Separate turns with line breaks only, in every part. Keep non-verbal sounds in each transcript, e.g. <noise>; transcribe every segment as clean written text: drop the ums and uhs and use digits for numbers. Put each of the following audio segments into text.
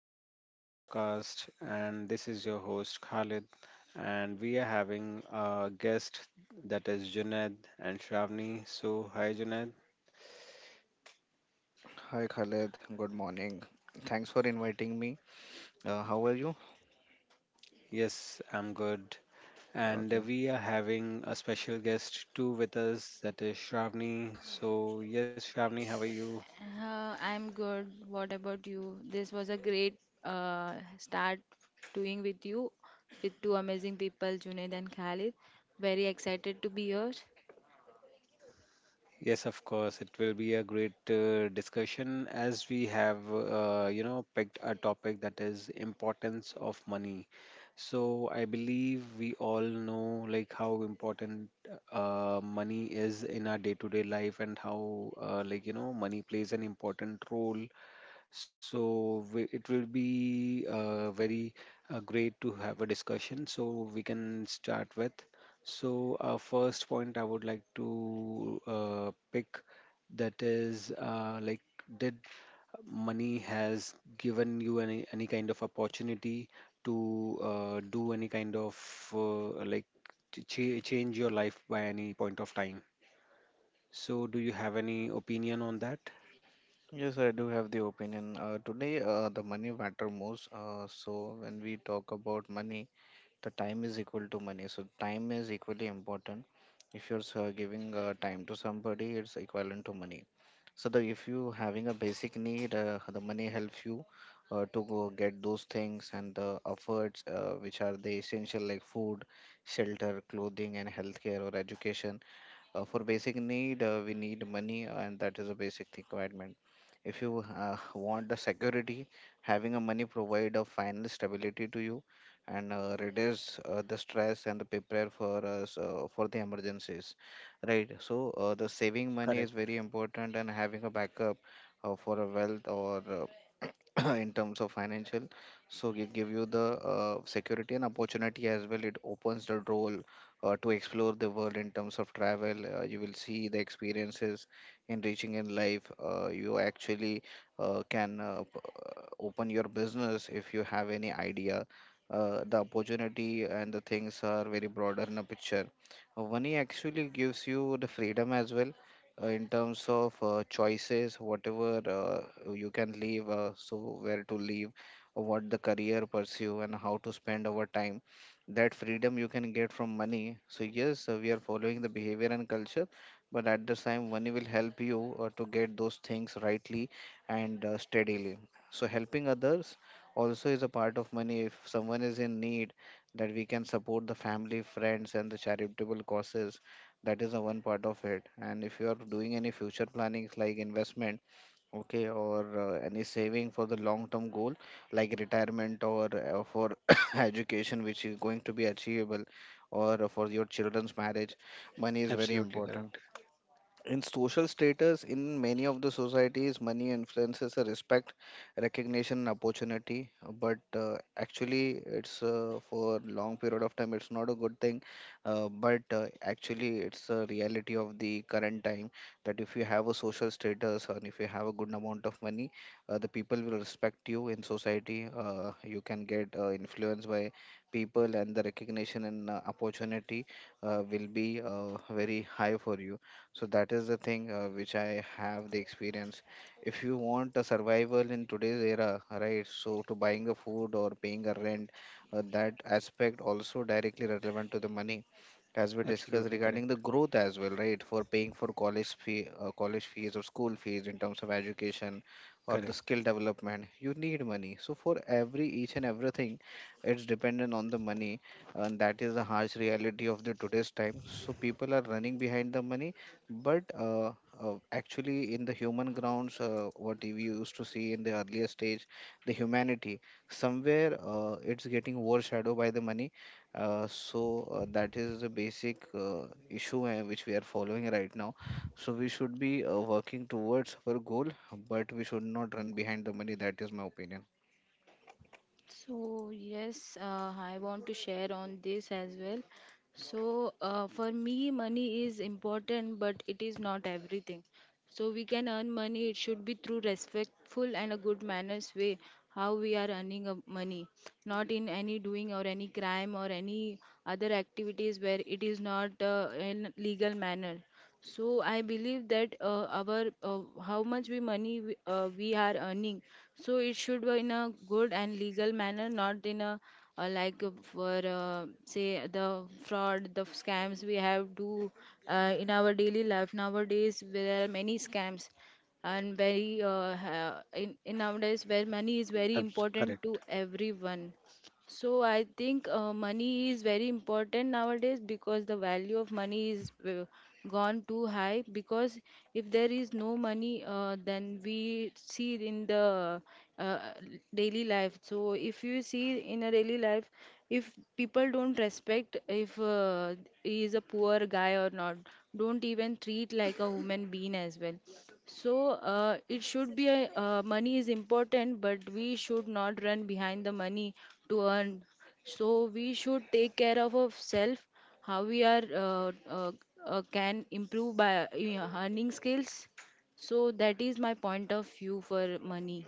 Welcome to my podcast. And this is your host Khalid. And we are having a guest that is Junaid and Shravani. So, hi Junaid.
Hi Khaled, good morning. Thanks for inviting me. How are you?
Yes, I'm good. And
Okay.
we are having a special guest too with us that is Shravani. So, yes, Shravani, how are you?
I'm good. What about you? This was a great start doing with you, with two amazing people, Junaid and Khalid. Very excited to be here.
Yes, of course. It will be a great discussion as we have, picked a topic that is importance of money. So I believe we all know like how important money is in our day-to-day life and how like money plays an important role it will be very great to have a discussion. So we can start with. So our first point I would like to pick that is like did money has given you any kind of opportunity to do any kind of like change your life by any point of time. So do you have any opinion on that?
Yes, I do have the opinion. Today, the money matter most. So when we talk about money, the time is equal to money. So time is equally important. If you're giving time to somebody, it's equivalent to money. So the if you having a basic need, the money helps you to go get those things and the efforts which are the essential like food, shelter, clothing, and healthcare or education. For basic need, we need money, and that is a basic requirement. If you want the security, having a money provide a financial stability to you and reduce the stress and the prepare for us for the emergencies, right? So the saving money is
Correct.
very important and having a backup for a wealth or <clears throat> in terms of financial, so it give you the security and opportunity as well, it opens the door to explore the world in terms of travel. You will see the experiences enriching in life. You actually uh, can uh, p- open your business if you have any idea. The opportunity and the things are very broader in a picture. Money actually gives you the freedom as well in terms of choices, whatever you can leave, so where to leave, what the career pursue, and how to spend our time, that freedom you can get from money. So yes, we are following the behavior and culture, but at the same, money will help you to get those things rightly and steadily. So helping others also is a part of money. If someone is in need, that we can support the family, friends, and the charitable causes. That is the one part of it. And if you are doing any future plannings like investment. Okay, or any saving for the long-term goal like retirement or for <coughs> education, which is going to be achievable, or for your children's marriage, money is very
Absolutely
important.
correct.
In social status, in many of the societies, money influences a respect, recognition, and opportunity. But actually, it's for long period of time, it's not a good thing. But actually, it's a reality of the current time that if you have a social status and if you have a good amount of money, the people will respect you in society. You can get influenced by people, and the recognition and opportunity will be very high for you, so that is the thing which I have the experience. If you want a survival in today's era, right? So to buying a food or paying a rent, that aspect also directly relevant to the money, as we discussed
Absolutely
regarding
correct.
the growth as well, right? For paying for college fee, college fees or school fees in terms of education or the
Correct.
skill development, you need money. So for every each and everything, it's dependent on the money, and that is the harsh reality of the today's time. So people are running behind the money, but actually, in the human grounds, what we used to see in the earlier stage, the humanity, somewhere it's getting overshadowed by the money. So that is the basic issue which we are following right now. So we should be working towards our goal, but we should not run behind the money. That is my opinion.
So yes, I want to share on this as well. So for me, money is important, but it is not everything. So we can earn money. It should be through respectful and a good manners way how we are earning money, not in any doing or any crime or any other activities where it is not in legal manner. So I believe that our how much we money we are earning, so it should be in a good and legal manner, not in a like for say the fraud, the scams we have do in our daily life nowadays. There are many scams and very in nowadays where money is very important to
Correct.
everyone so I think money is very important nowadays because the value of money is gone too high. Because if there is no money, then we see it in the uh, daily life. So if you see in a daily life, if people don't respect if he is a poor guy or not, don't even treat like a human being as well. So it should be a money is important, but we should not run behind the money to earn. So we should take care of ourselves, how we are can improve by earning skills. So that is my point of view for money.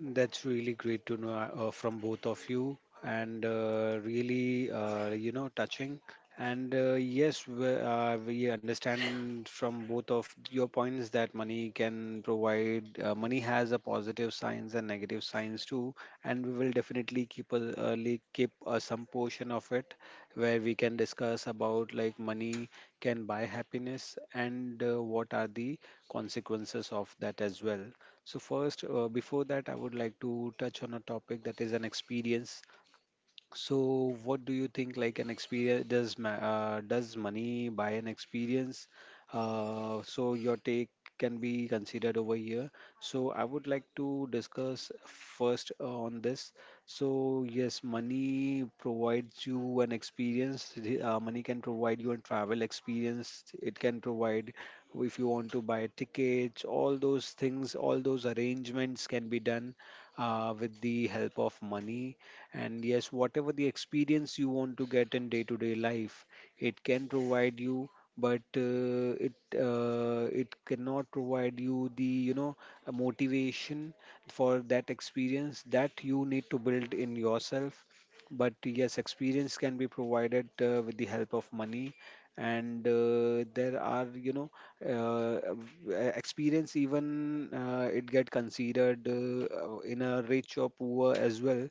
That's really great to know from both of you, and really, touching. And yes, we understand from both of your points that money can provide. Money has a positive signs and negative signs too, and we will definitely keep some portion of it where we can discuss about like money can buy happiness and what are the consequences of that as well. So, first, before that, I would like to touch on a topic that is an experience. So, what do you think? Like an experience, does money buy an experience? So your take can be considered over here. So I would like to discuss first on this. So yes, money provides you an experience. Money can provide you a travel experience. It can provide if you want to buy tickets. All those things, all those arrangements can be done with the help of money. And yes, whatever the experience you want to get in day to day life, it can provide you, but it cannot provide you the you know a motivation for that experience that you need to build in yourself. But yes, experience can be provided with the help of money, and there are experience, even it get considered in a rich or poor as well.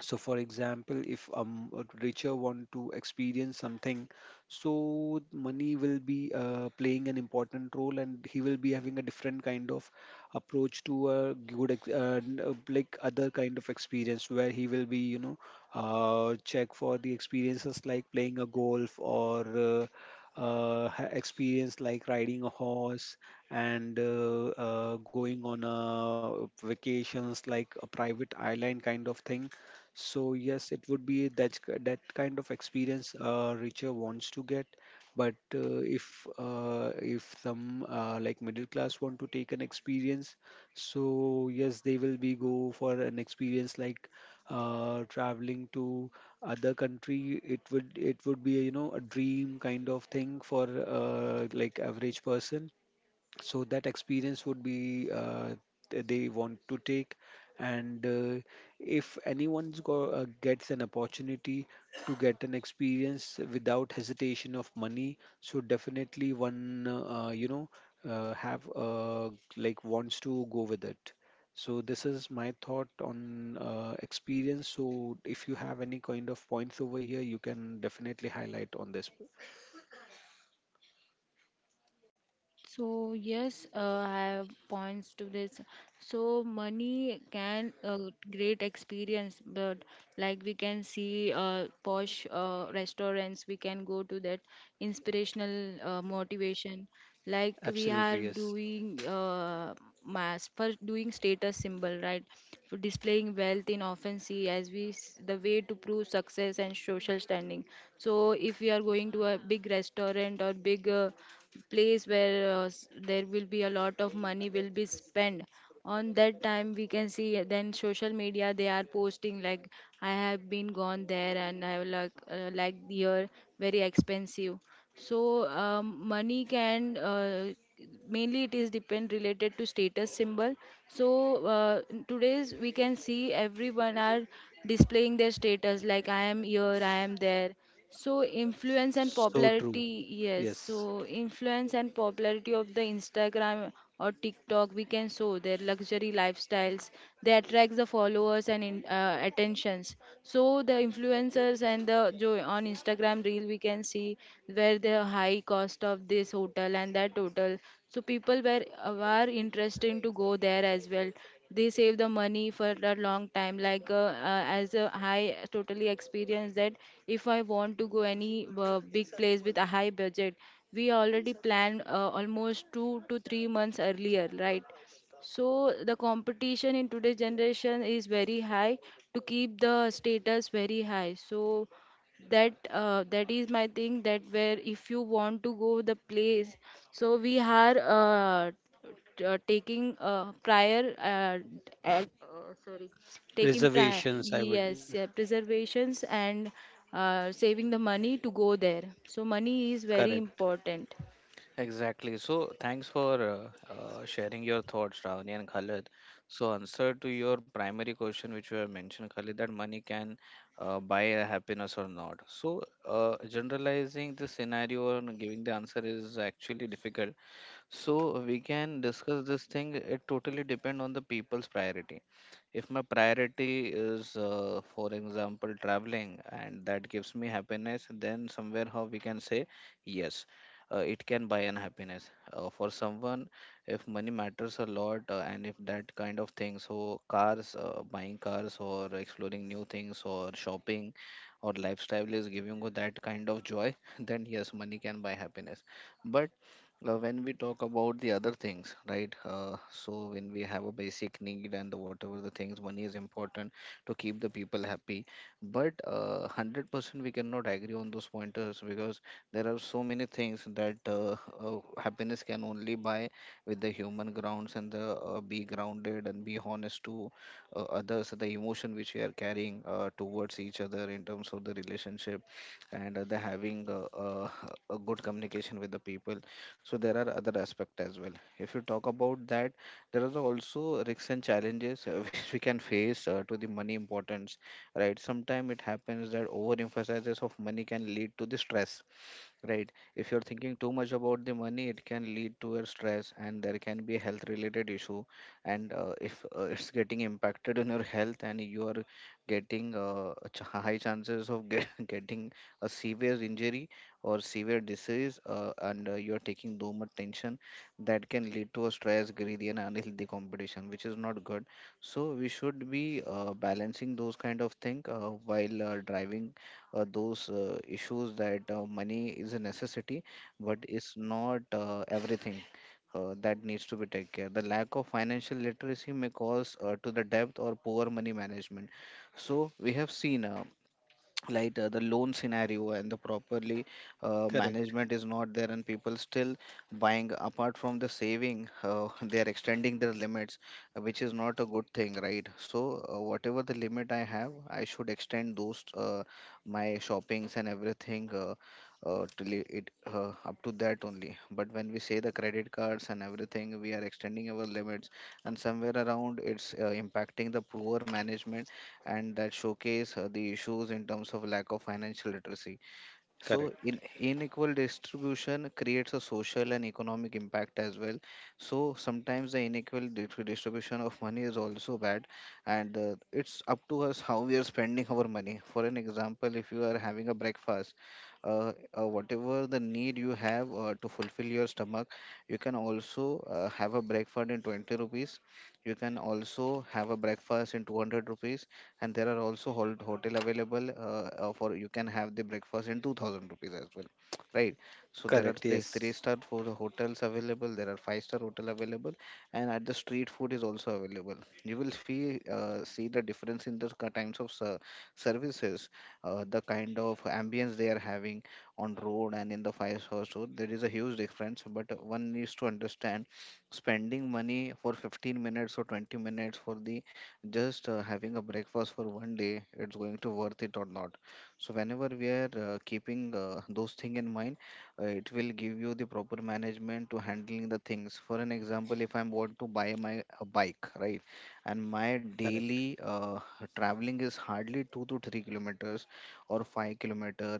So for example, if a richer want to experience something, so money will be playing an important role and he will be having a different kind of approach to a good ex- n- like other kind of experience where he will be check for the experiences like playing a golf or experience like riding a horse and going on a vacations like a private island kind of thing. So yes, it would be that kind of experience richer wants to get. But if some like middle class want to take an experience, so yes, they will be go for an experience like traveling to other country. It would be a dream kind of thing for like average person. So that experience would be they want to take. And if anyone's gets an opportunity to get an experience without hesitation of money, so definitely one you know have like wants to go with it. So this is my thought on experience. So if you have any kind of points over here, you can definitely highlight on this.
So yes, I have points to this. So money can great experience, but like we can see posh restaurants, we can go to that inspirational motivation. Like we
Absolutely,
are
yes.
doing mass for doing status symbol, right? For displaying wealth in often see as the way to prove success and social standing. So if we are going to a big restaurant or big place where there will be a lot of money will be spent on that time we can see then social media they are posting like I have been gone there and I like here very expensive so money can mainly it is depend related to status symbol so in today's we can see everyone are displaying their status like I am here I am there so influence and
So true.
popularity yes
Yes.
so influence and popularity of the Instagram or TikTok, we can show their luxury lifestyles. They attract the followers and attentions. So the influencers and on Instagram reel, we can see where the high cost of this hotel and that hotel. So people were interested to go there as well. They save the money for a long time. Like as a high totally experience that if I want to go any big place with a high budget we already planned almost 2 to 3 months earlier, right? So the competition in today's generation is very high to keep the status very high. So that that is my thing that where if you want to go the place, so we are taking sorry, taking
Reservations, I would.
preservations and saving the money to go there so money is very
Correct.
important
Exactly. So, thanks for sharing your thoughts, Ravani and Khalid. So, answer to your primary question, which you have mentioned, Khalid, that money can buy a happiness or not. So, generalizing the scenario and giving the answer is actually difficult, so we can discuss this thing. It totally depend on the people's priority. If my priority is for example traveling and that gives me happiness, then somewhere how we can say yes, it can buy an happiness for someone. If money matters a lot and if that kind of thing, so cars buying cars or exploring new things or shopping or lifestyle is giving you that kind of joy <laughs> then yes money can buy happiness. But when we talk about the other things, right? So when we have a basic need and the whatever the things, money is important to keep the people happy. But 100% we cannot agree on those pointers, because there are so many things that happiness can only buy with the human grounds and the be grounded and be honest to others, the emotion which we are carrying towards each other in terms of the relationship and the having a good communication with the people. So there are other aspects as well. If you talk about that, there are also risks and challenges <laughs> which we can face to the money importance, right? Sometimes it happens that overemphasizes of money can lead to the stress. Right. If you're thinking too much about the money, it can lead to a stress and there can be health related issue. And if <laughs> it's getting impacted on your health and you are getting high chances of <laughs> getting a severe injury or severe disease, and you're taking too much tension, that can lead to a stress, greedy, and unhealthy competition, which is not good. So we should be balancing those kind of thing while driving those issues that money is a necessity, but it's not everything. That needs to be taken care. The lack of financial literacy may cause to the depth or poor money management. So we have seen the loan scenario and the properly
Correct.
management is not there and people still buying apart from the saving, <laughs> they are extending their limits which is not a good thing, right? So whatever the limit I have, I should extend those my shoppings and everything till up to that only, but when we say the credit cards and everything, we are extending our limits and somewhere around it's impacting the poor management, and that showcase the issues in terms of lack of financial literacy. So,
Correct.
in unequal distribution creates a social and economic impact as well. So, sometimes the distribution of money is also bad, and it's up to us how we are spending our money. For an example, if you are having a breakfast, whatever the need you have to fulfill your stomach, you can also have a breakfast in 20 rupees. You can also have a breakfast in 200 rupees, and there are also hotel available for you can have the breakfast in 2000 rupees as well, right? So there are
Correct.
three
Yes.
star for the hotels available, there are five-star hotel available, and at the street food is also available. You will see see the difference in the kinds of services, the kind of ambience they are having on road and in the five star. So there is a huge difference, but one needs to understand spending money for 15 minutes or 20 minutes for the just having a breakfast for one day, it's going to worth it or not. So whenever we are keeping those thing in mind, it will give you the proper management to handling the things. For an example, if I want to buy my a bike, right? And my
Correct.
daily traveling is hardly 2 to 3 kilometers or 5 kilometer,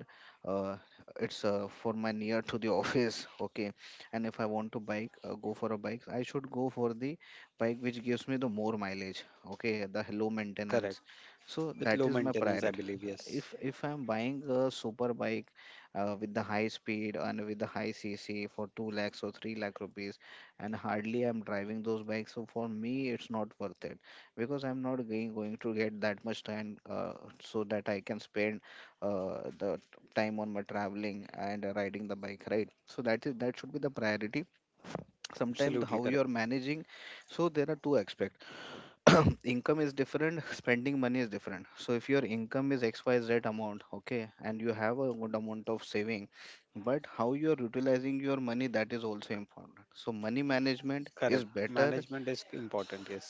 uh, it's for my near to the <laughs> office, okay? And if I want to bike go for a bike, I should go for the bike which gives me the more mileage, okay, the low maintenance.
Correct.
So
With
that
low
is my
maintenance, I
priority.
believe. Yes.
If I'm buying a super bike with the high speed and with the high cc for 2 lakhs or 3 lakh rupees, and hardly I'm driving those bikes, so for me it's not worth it, because I'm not going to get that much time so that I can spend the time on my traveling and riding the bike, right? So that is that should be the priority. Sometimes
Absolutely
how you
correct.
are managing, so there are two aspects. <clears throat> Income is different, spending money is different. So if your income is xyz amount, okay, and you have a good amount of saving, but how you are utilizing your money, that is also important. So Money management is
Correct.
better.
Management is important, yes.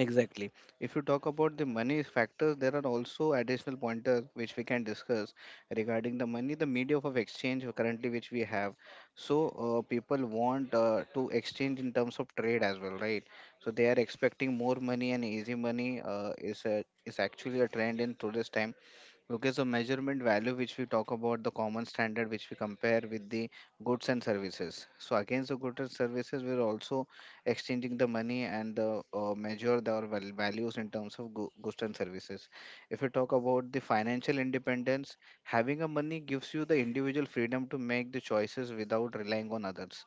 Exactly. If you talk about the money factors, there are also additional pointers which we can discuss regarding the money, the medium of exchange currently which we have. So people want to exchange in terms of trade as well, right? So they are expecting more money and easy money is actually a trend in today's time. Okay, so measurement value, which we talk about the common standard, which we compare with the goods and services. So against the goods and services, we're also exchanging the money and the measure the our values in terms of goods and services. If you talk about the financial independence, having a money gives you the individual freedom to make the choices without relying on others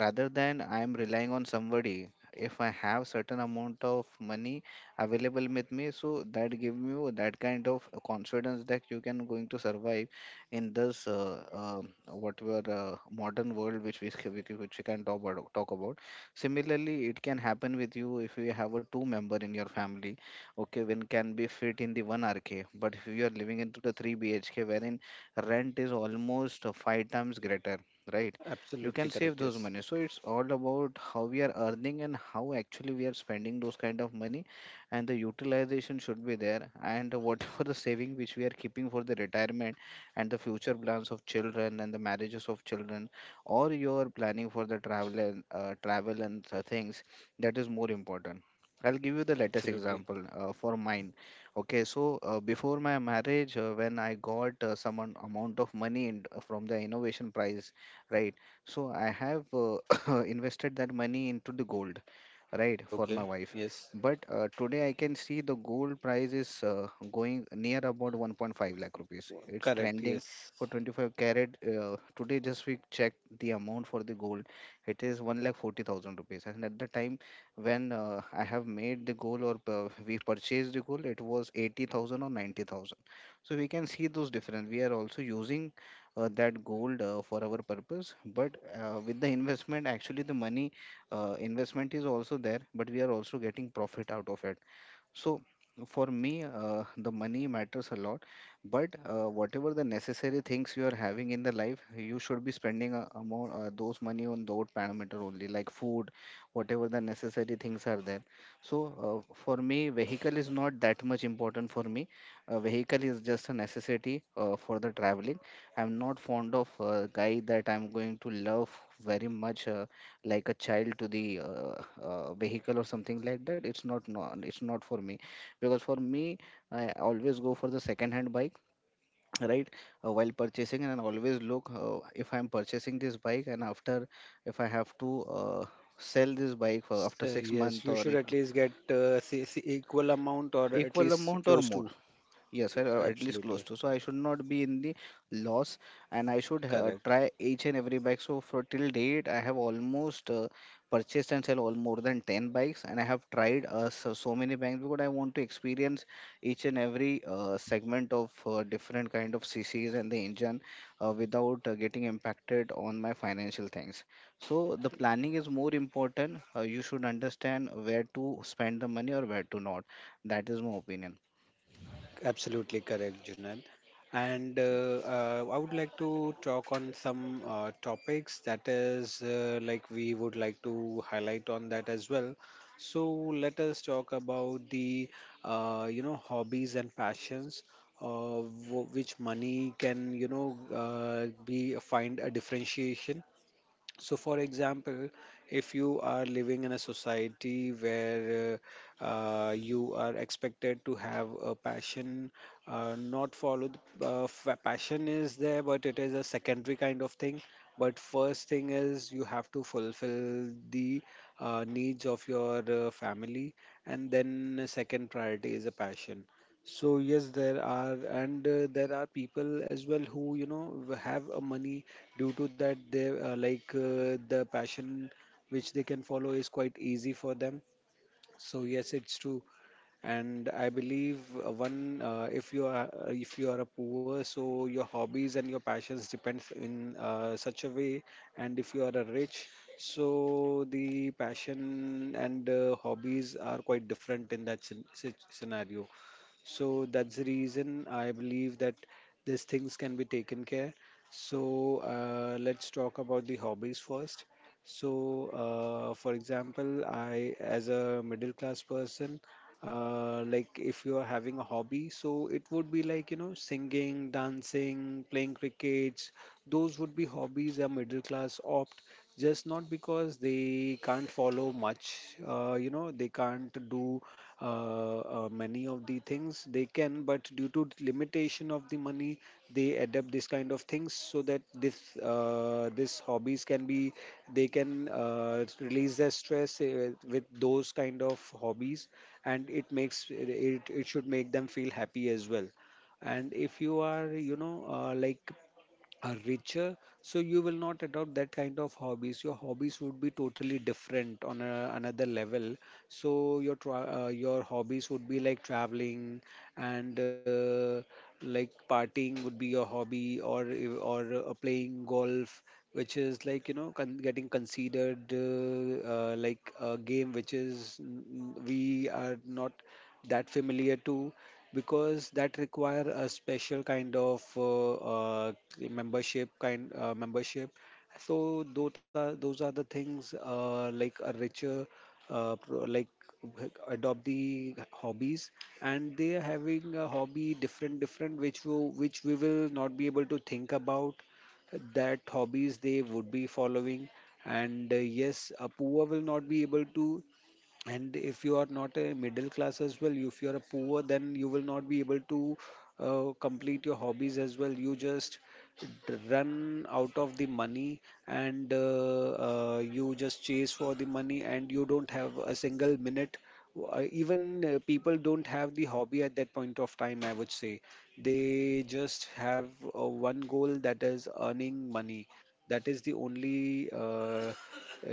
rather than I am relying on somebody. If I have certain amount of money available with me, so that give you that kind of confidence that you can going to survive in this whatever modern world which we which we can talk about talk about. Similarly, it can happen with you if you have a two member in your family. Okay, when can be fit in the one RK, but if you are living into the three BHK, wherein rent is almost five times greater, right? You can
Absolutely
save
correct.
those
Yes.
money, so it's all about how we are earning and how actually we are spending those kind of money, and the utilization should be there and whatever the saving which we are keeping for the retirement and the future plans of children and the marriages of children or your planning for the travel and things, that is more important. I'll give you the latest
Absolutely.
example for mine. Okay, so before my marriage, when I got amount of money in, from the innovation prize, right? So I have <coughs> invested that money into the gold, right, for my
Okay.
wife.
Yes.
But today I can see the gold price is going near about 1.5 lakh rupees. It's
Correct.
trending
Yes.
for 25 carat. Today just we checked the amount for the gold. It is 1 lakh 40,000 rupees, and at the time when I have made the gold or we purchased the gold, it was 80,000 or 90,000. So we can see those difference. We are also using that gold for our purpose, but with the investment, actually the money investment is also there, but we are also getting profit out of it. So for me, the money matters a lot. But whatever the necessary things you are having in the life, you should be spending a more, those money on those parameter only, like food, whatever the necessary things are there. So for me vehicle is not that much important for me. A vehicle is just a necessity for the traveling. I'm not fond of a guy that I'm going to love very much, like a child to the vehicle or something like that. It's not, no, it's not for me. Because for me, I always go for the second hand bike, right, while purchasing. And I always look, if I'm purchasing this bike and after, if I have to sell this bike for after
So,
6
yes,
month
you
or
should at least get see equal amount or at
equal
least
amount or
close
more.
to.
Yes, sir, or at least close
Absolutely
to. So I should not be in the loss, and I should
correct.
try each and every bike. So for till date, I have almost purchased and sell all more than 10 bikes, and I have tried so many bikes because I want to experience each and every segment of different kind of CCs and the engine, without getting impacted on my financial things. So the planning is more important. You should understand where to spend the money or where to not. That is my opinion.
Absolutely correct, Junan. And I would like to talk on some topics that is like we would like to highlight on that as well. So let us talk about the hobbies and passions, which money can be find a differentiation. So, for example, if you are living in a society where you are expected to have a passion, not follow the passion is there, but it is a secondary kind of thing. But first thing is you have to fulfill the needs of your family, and then second priority is a passion. So yes, there are people as well who have a money. Due to that, they like the passion which they can follow is quite easy for them. So yes, it's true. And I believe one if you are a poor, so your hobbies and your passions depend in such a way. And if you are a rich, so the passion and hobbies are quite different in that scenario. So that's the reason I believe that these things can be taken care. So let's talk about the hobbies first. So for example, I as a middle class person, like if you are having a hobby, so it would be like singing, dancing, playing crickets. Those would be hobbies a middle class opt, just not because they can't follow much, they can't do many of the things. They can, but due to the limitation of the money, they adapt this kind of things so that this hobbies can be. They can release their stress with those kind of hobbies. And it should make them feel happy as well. And if you are you know like are richer, so you will not adopt that kind of hobbies. Your hobbies would be totally different on another level. So your hobbies would be like traveling. And like partying would be your hobby. Or playing golf, which is like getting considered like a game which is we are not that familiar to. Because that require a special kind of membership, kind uh, membership. So those are the things, like a richer uh, pro- like adopt the hobbies. And they are having a hobby different different which which we will not be able to think about. That hobbies they would be following. And yes, apua will not be able to. And if you are not a middle class as well, if you are a poor, then you will not be able to complete your hobbies as well. You just run out of the money. And you just chase for the money and you don't have a single minute. Even people don't have the hobby at that point of time, I would say. They just have one goal, that is earning money. That is the only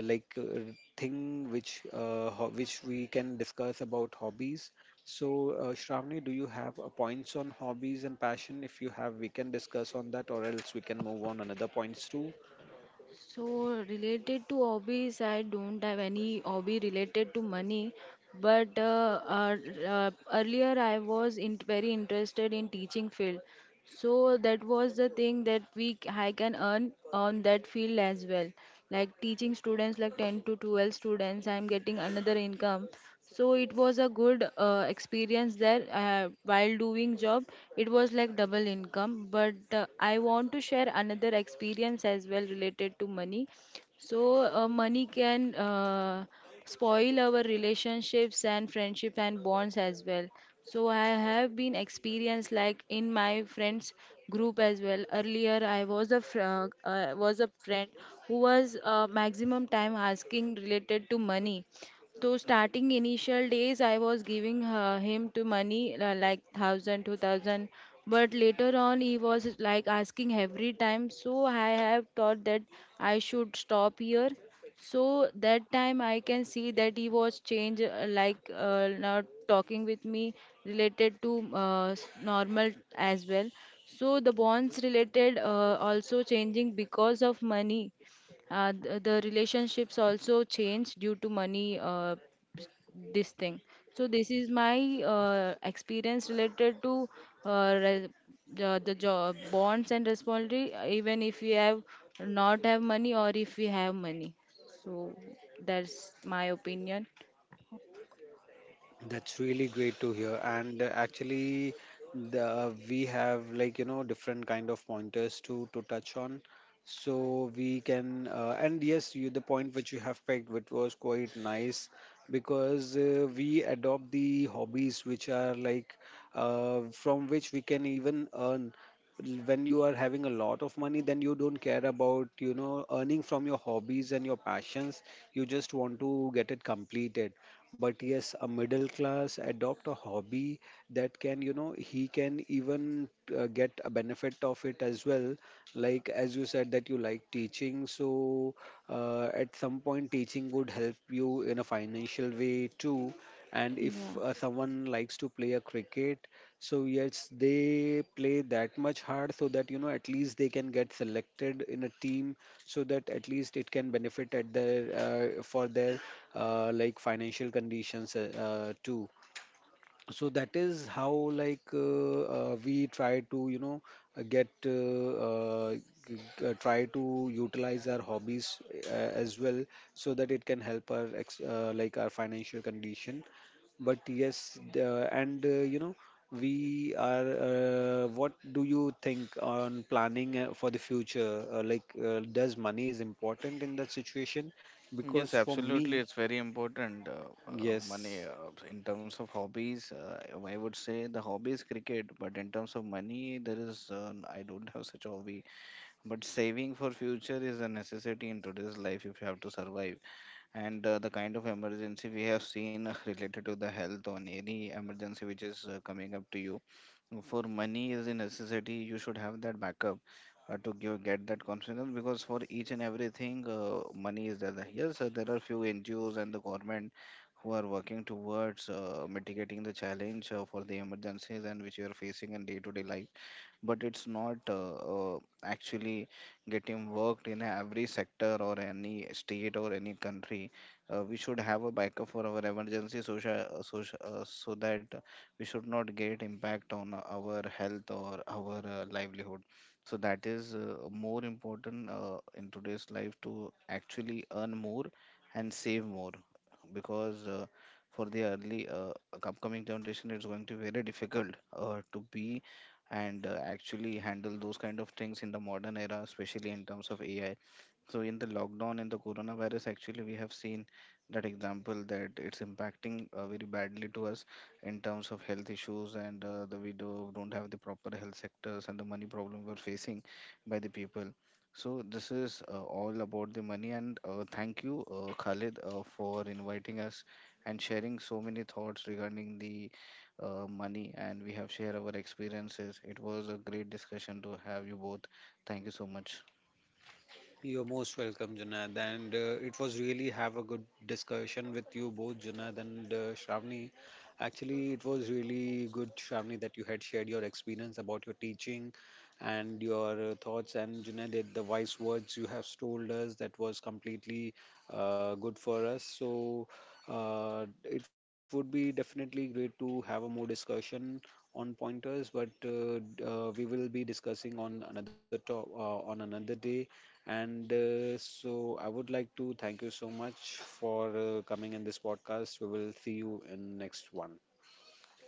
like thing which which we can discuss about hobbies. So Shravani, do you have points on hobbies and passion? If you have, we can discuss on that, or else we can move on another points too.
so related to hobbies I don't have any hobby related to money but uh, earlier I was very interested in teaching field. So that was the thing that I can earn on that field as well. Like teaching students, like 10 to 12 students, I'm getting another income. So it was a good experience there while doing job. It was like double income. But I want to share another experience as well related to money. So, money can spoil our relationships and friendship and bonds as well. So, I have been experienced like in my friends group as well. Earlier, I was a was a friend who was maximum time asking related to money so starting initial days, I was giving him to money like thousand, 2,000. But later on, he was like asking every time. So I have thought that I should stop here. So that time I can see that he was changed, not talking with me related to normal as well. So the bonds related also changing because of money the relationships also change due to money this thing so this is my experience related to uh, re- the job bonds and responsibility even if we have not have money or if we have money so that's my opinion.
That's really great to hear. And actually, the we have different kind of pointers to touch on. So we can, and yes, you the point which you have picked, which was quite nice, because we adopt the hobbies which are like from which we can even earn. When you are having a lot of money, then you don't care about earning from your hobbies and your passions. You just want to get it completed. But yes, a middle class adopt a hobby that can, he can even get a benefit of it as well. Like, as you said that you like teaching, so at some point teaching would help you in a financial way too. And
Yeah,
if someone likes to play a cricket, so yes, they play that much hard so that at least they can get selected in a team. So that at least it can benefit at their for their financial conditions too. So that is how, like we try to get g- try to utilize our hobbies as well, so that it can help our like our financial condition. But yes, and we are what do you think on planning for the future, does money is important in that situation, because
Yes,
for
absolutely.
me...
It's very important. Money
Yes.
in terms of hobbies, I would say the hobby is cricket, but in terms of money, there is I don't have such a hobby. But saving for future is a necessity in today's life if you have to survive. And the kind of emergency we have seen <laughs> related to the health on any emergency which is coming up to you, for money is a necessity. You should have that backup to get that confidence, because for each and everything money is there. Yes, there are few NGOs and the government who are working towards mitigating the challenge for the emergencies and which you are facing in day to day life, but it's not actually getting worked in every sector or any state or any country. We should have a backup for our emergency social, so that we should not get impact on our health or our livelihood. So that is more important in today's life, to actually earn more and save more, because for the early upcoming generation it's going to be very difficult to be and actually handle those kind of things in the modern era, especially in terms of AI. So in the lockdown, in the coronavirus, actually, we have seen that example, that it's impacting very badly to us in terms of health issues, and don't have the proper health sectors and the money problem we're facing by the people. So this is all about the money. And thank you, Khalid, for inviting us and sharing so many thoughts regarding the money, and we have shared our experiences. It was a great discussion to have you both. Thank you so much.
You're most welcome, Junaid. And it was really have a good discussion with you both, Junaid and Shravani. Actually, it was really good, Shravani, that you had shared your experience about your teaching and your thoughts. And Junaid, the wise words you have told us, that was completely good for us. So it would be definitely great to have a more discussion on pointers, but we will be discussing on on another day, and so I would like to thank you so much for coming in this podcast. We will see you in next one.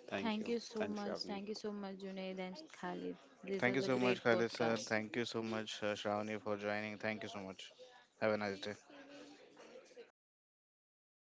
Thank
thank
you.
you so
Thanks,
much,
Shavni.
thank you so much Junaid and Khalid, this
Thank
was
you
a
so
great
much, Khalid sir. Thank
podcast.
you so much, Shravani, for joining. Thank you so much. Have a nice day.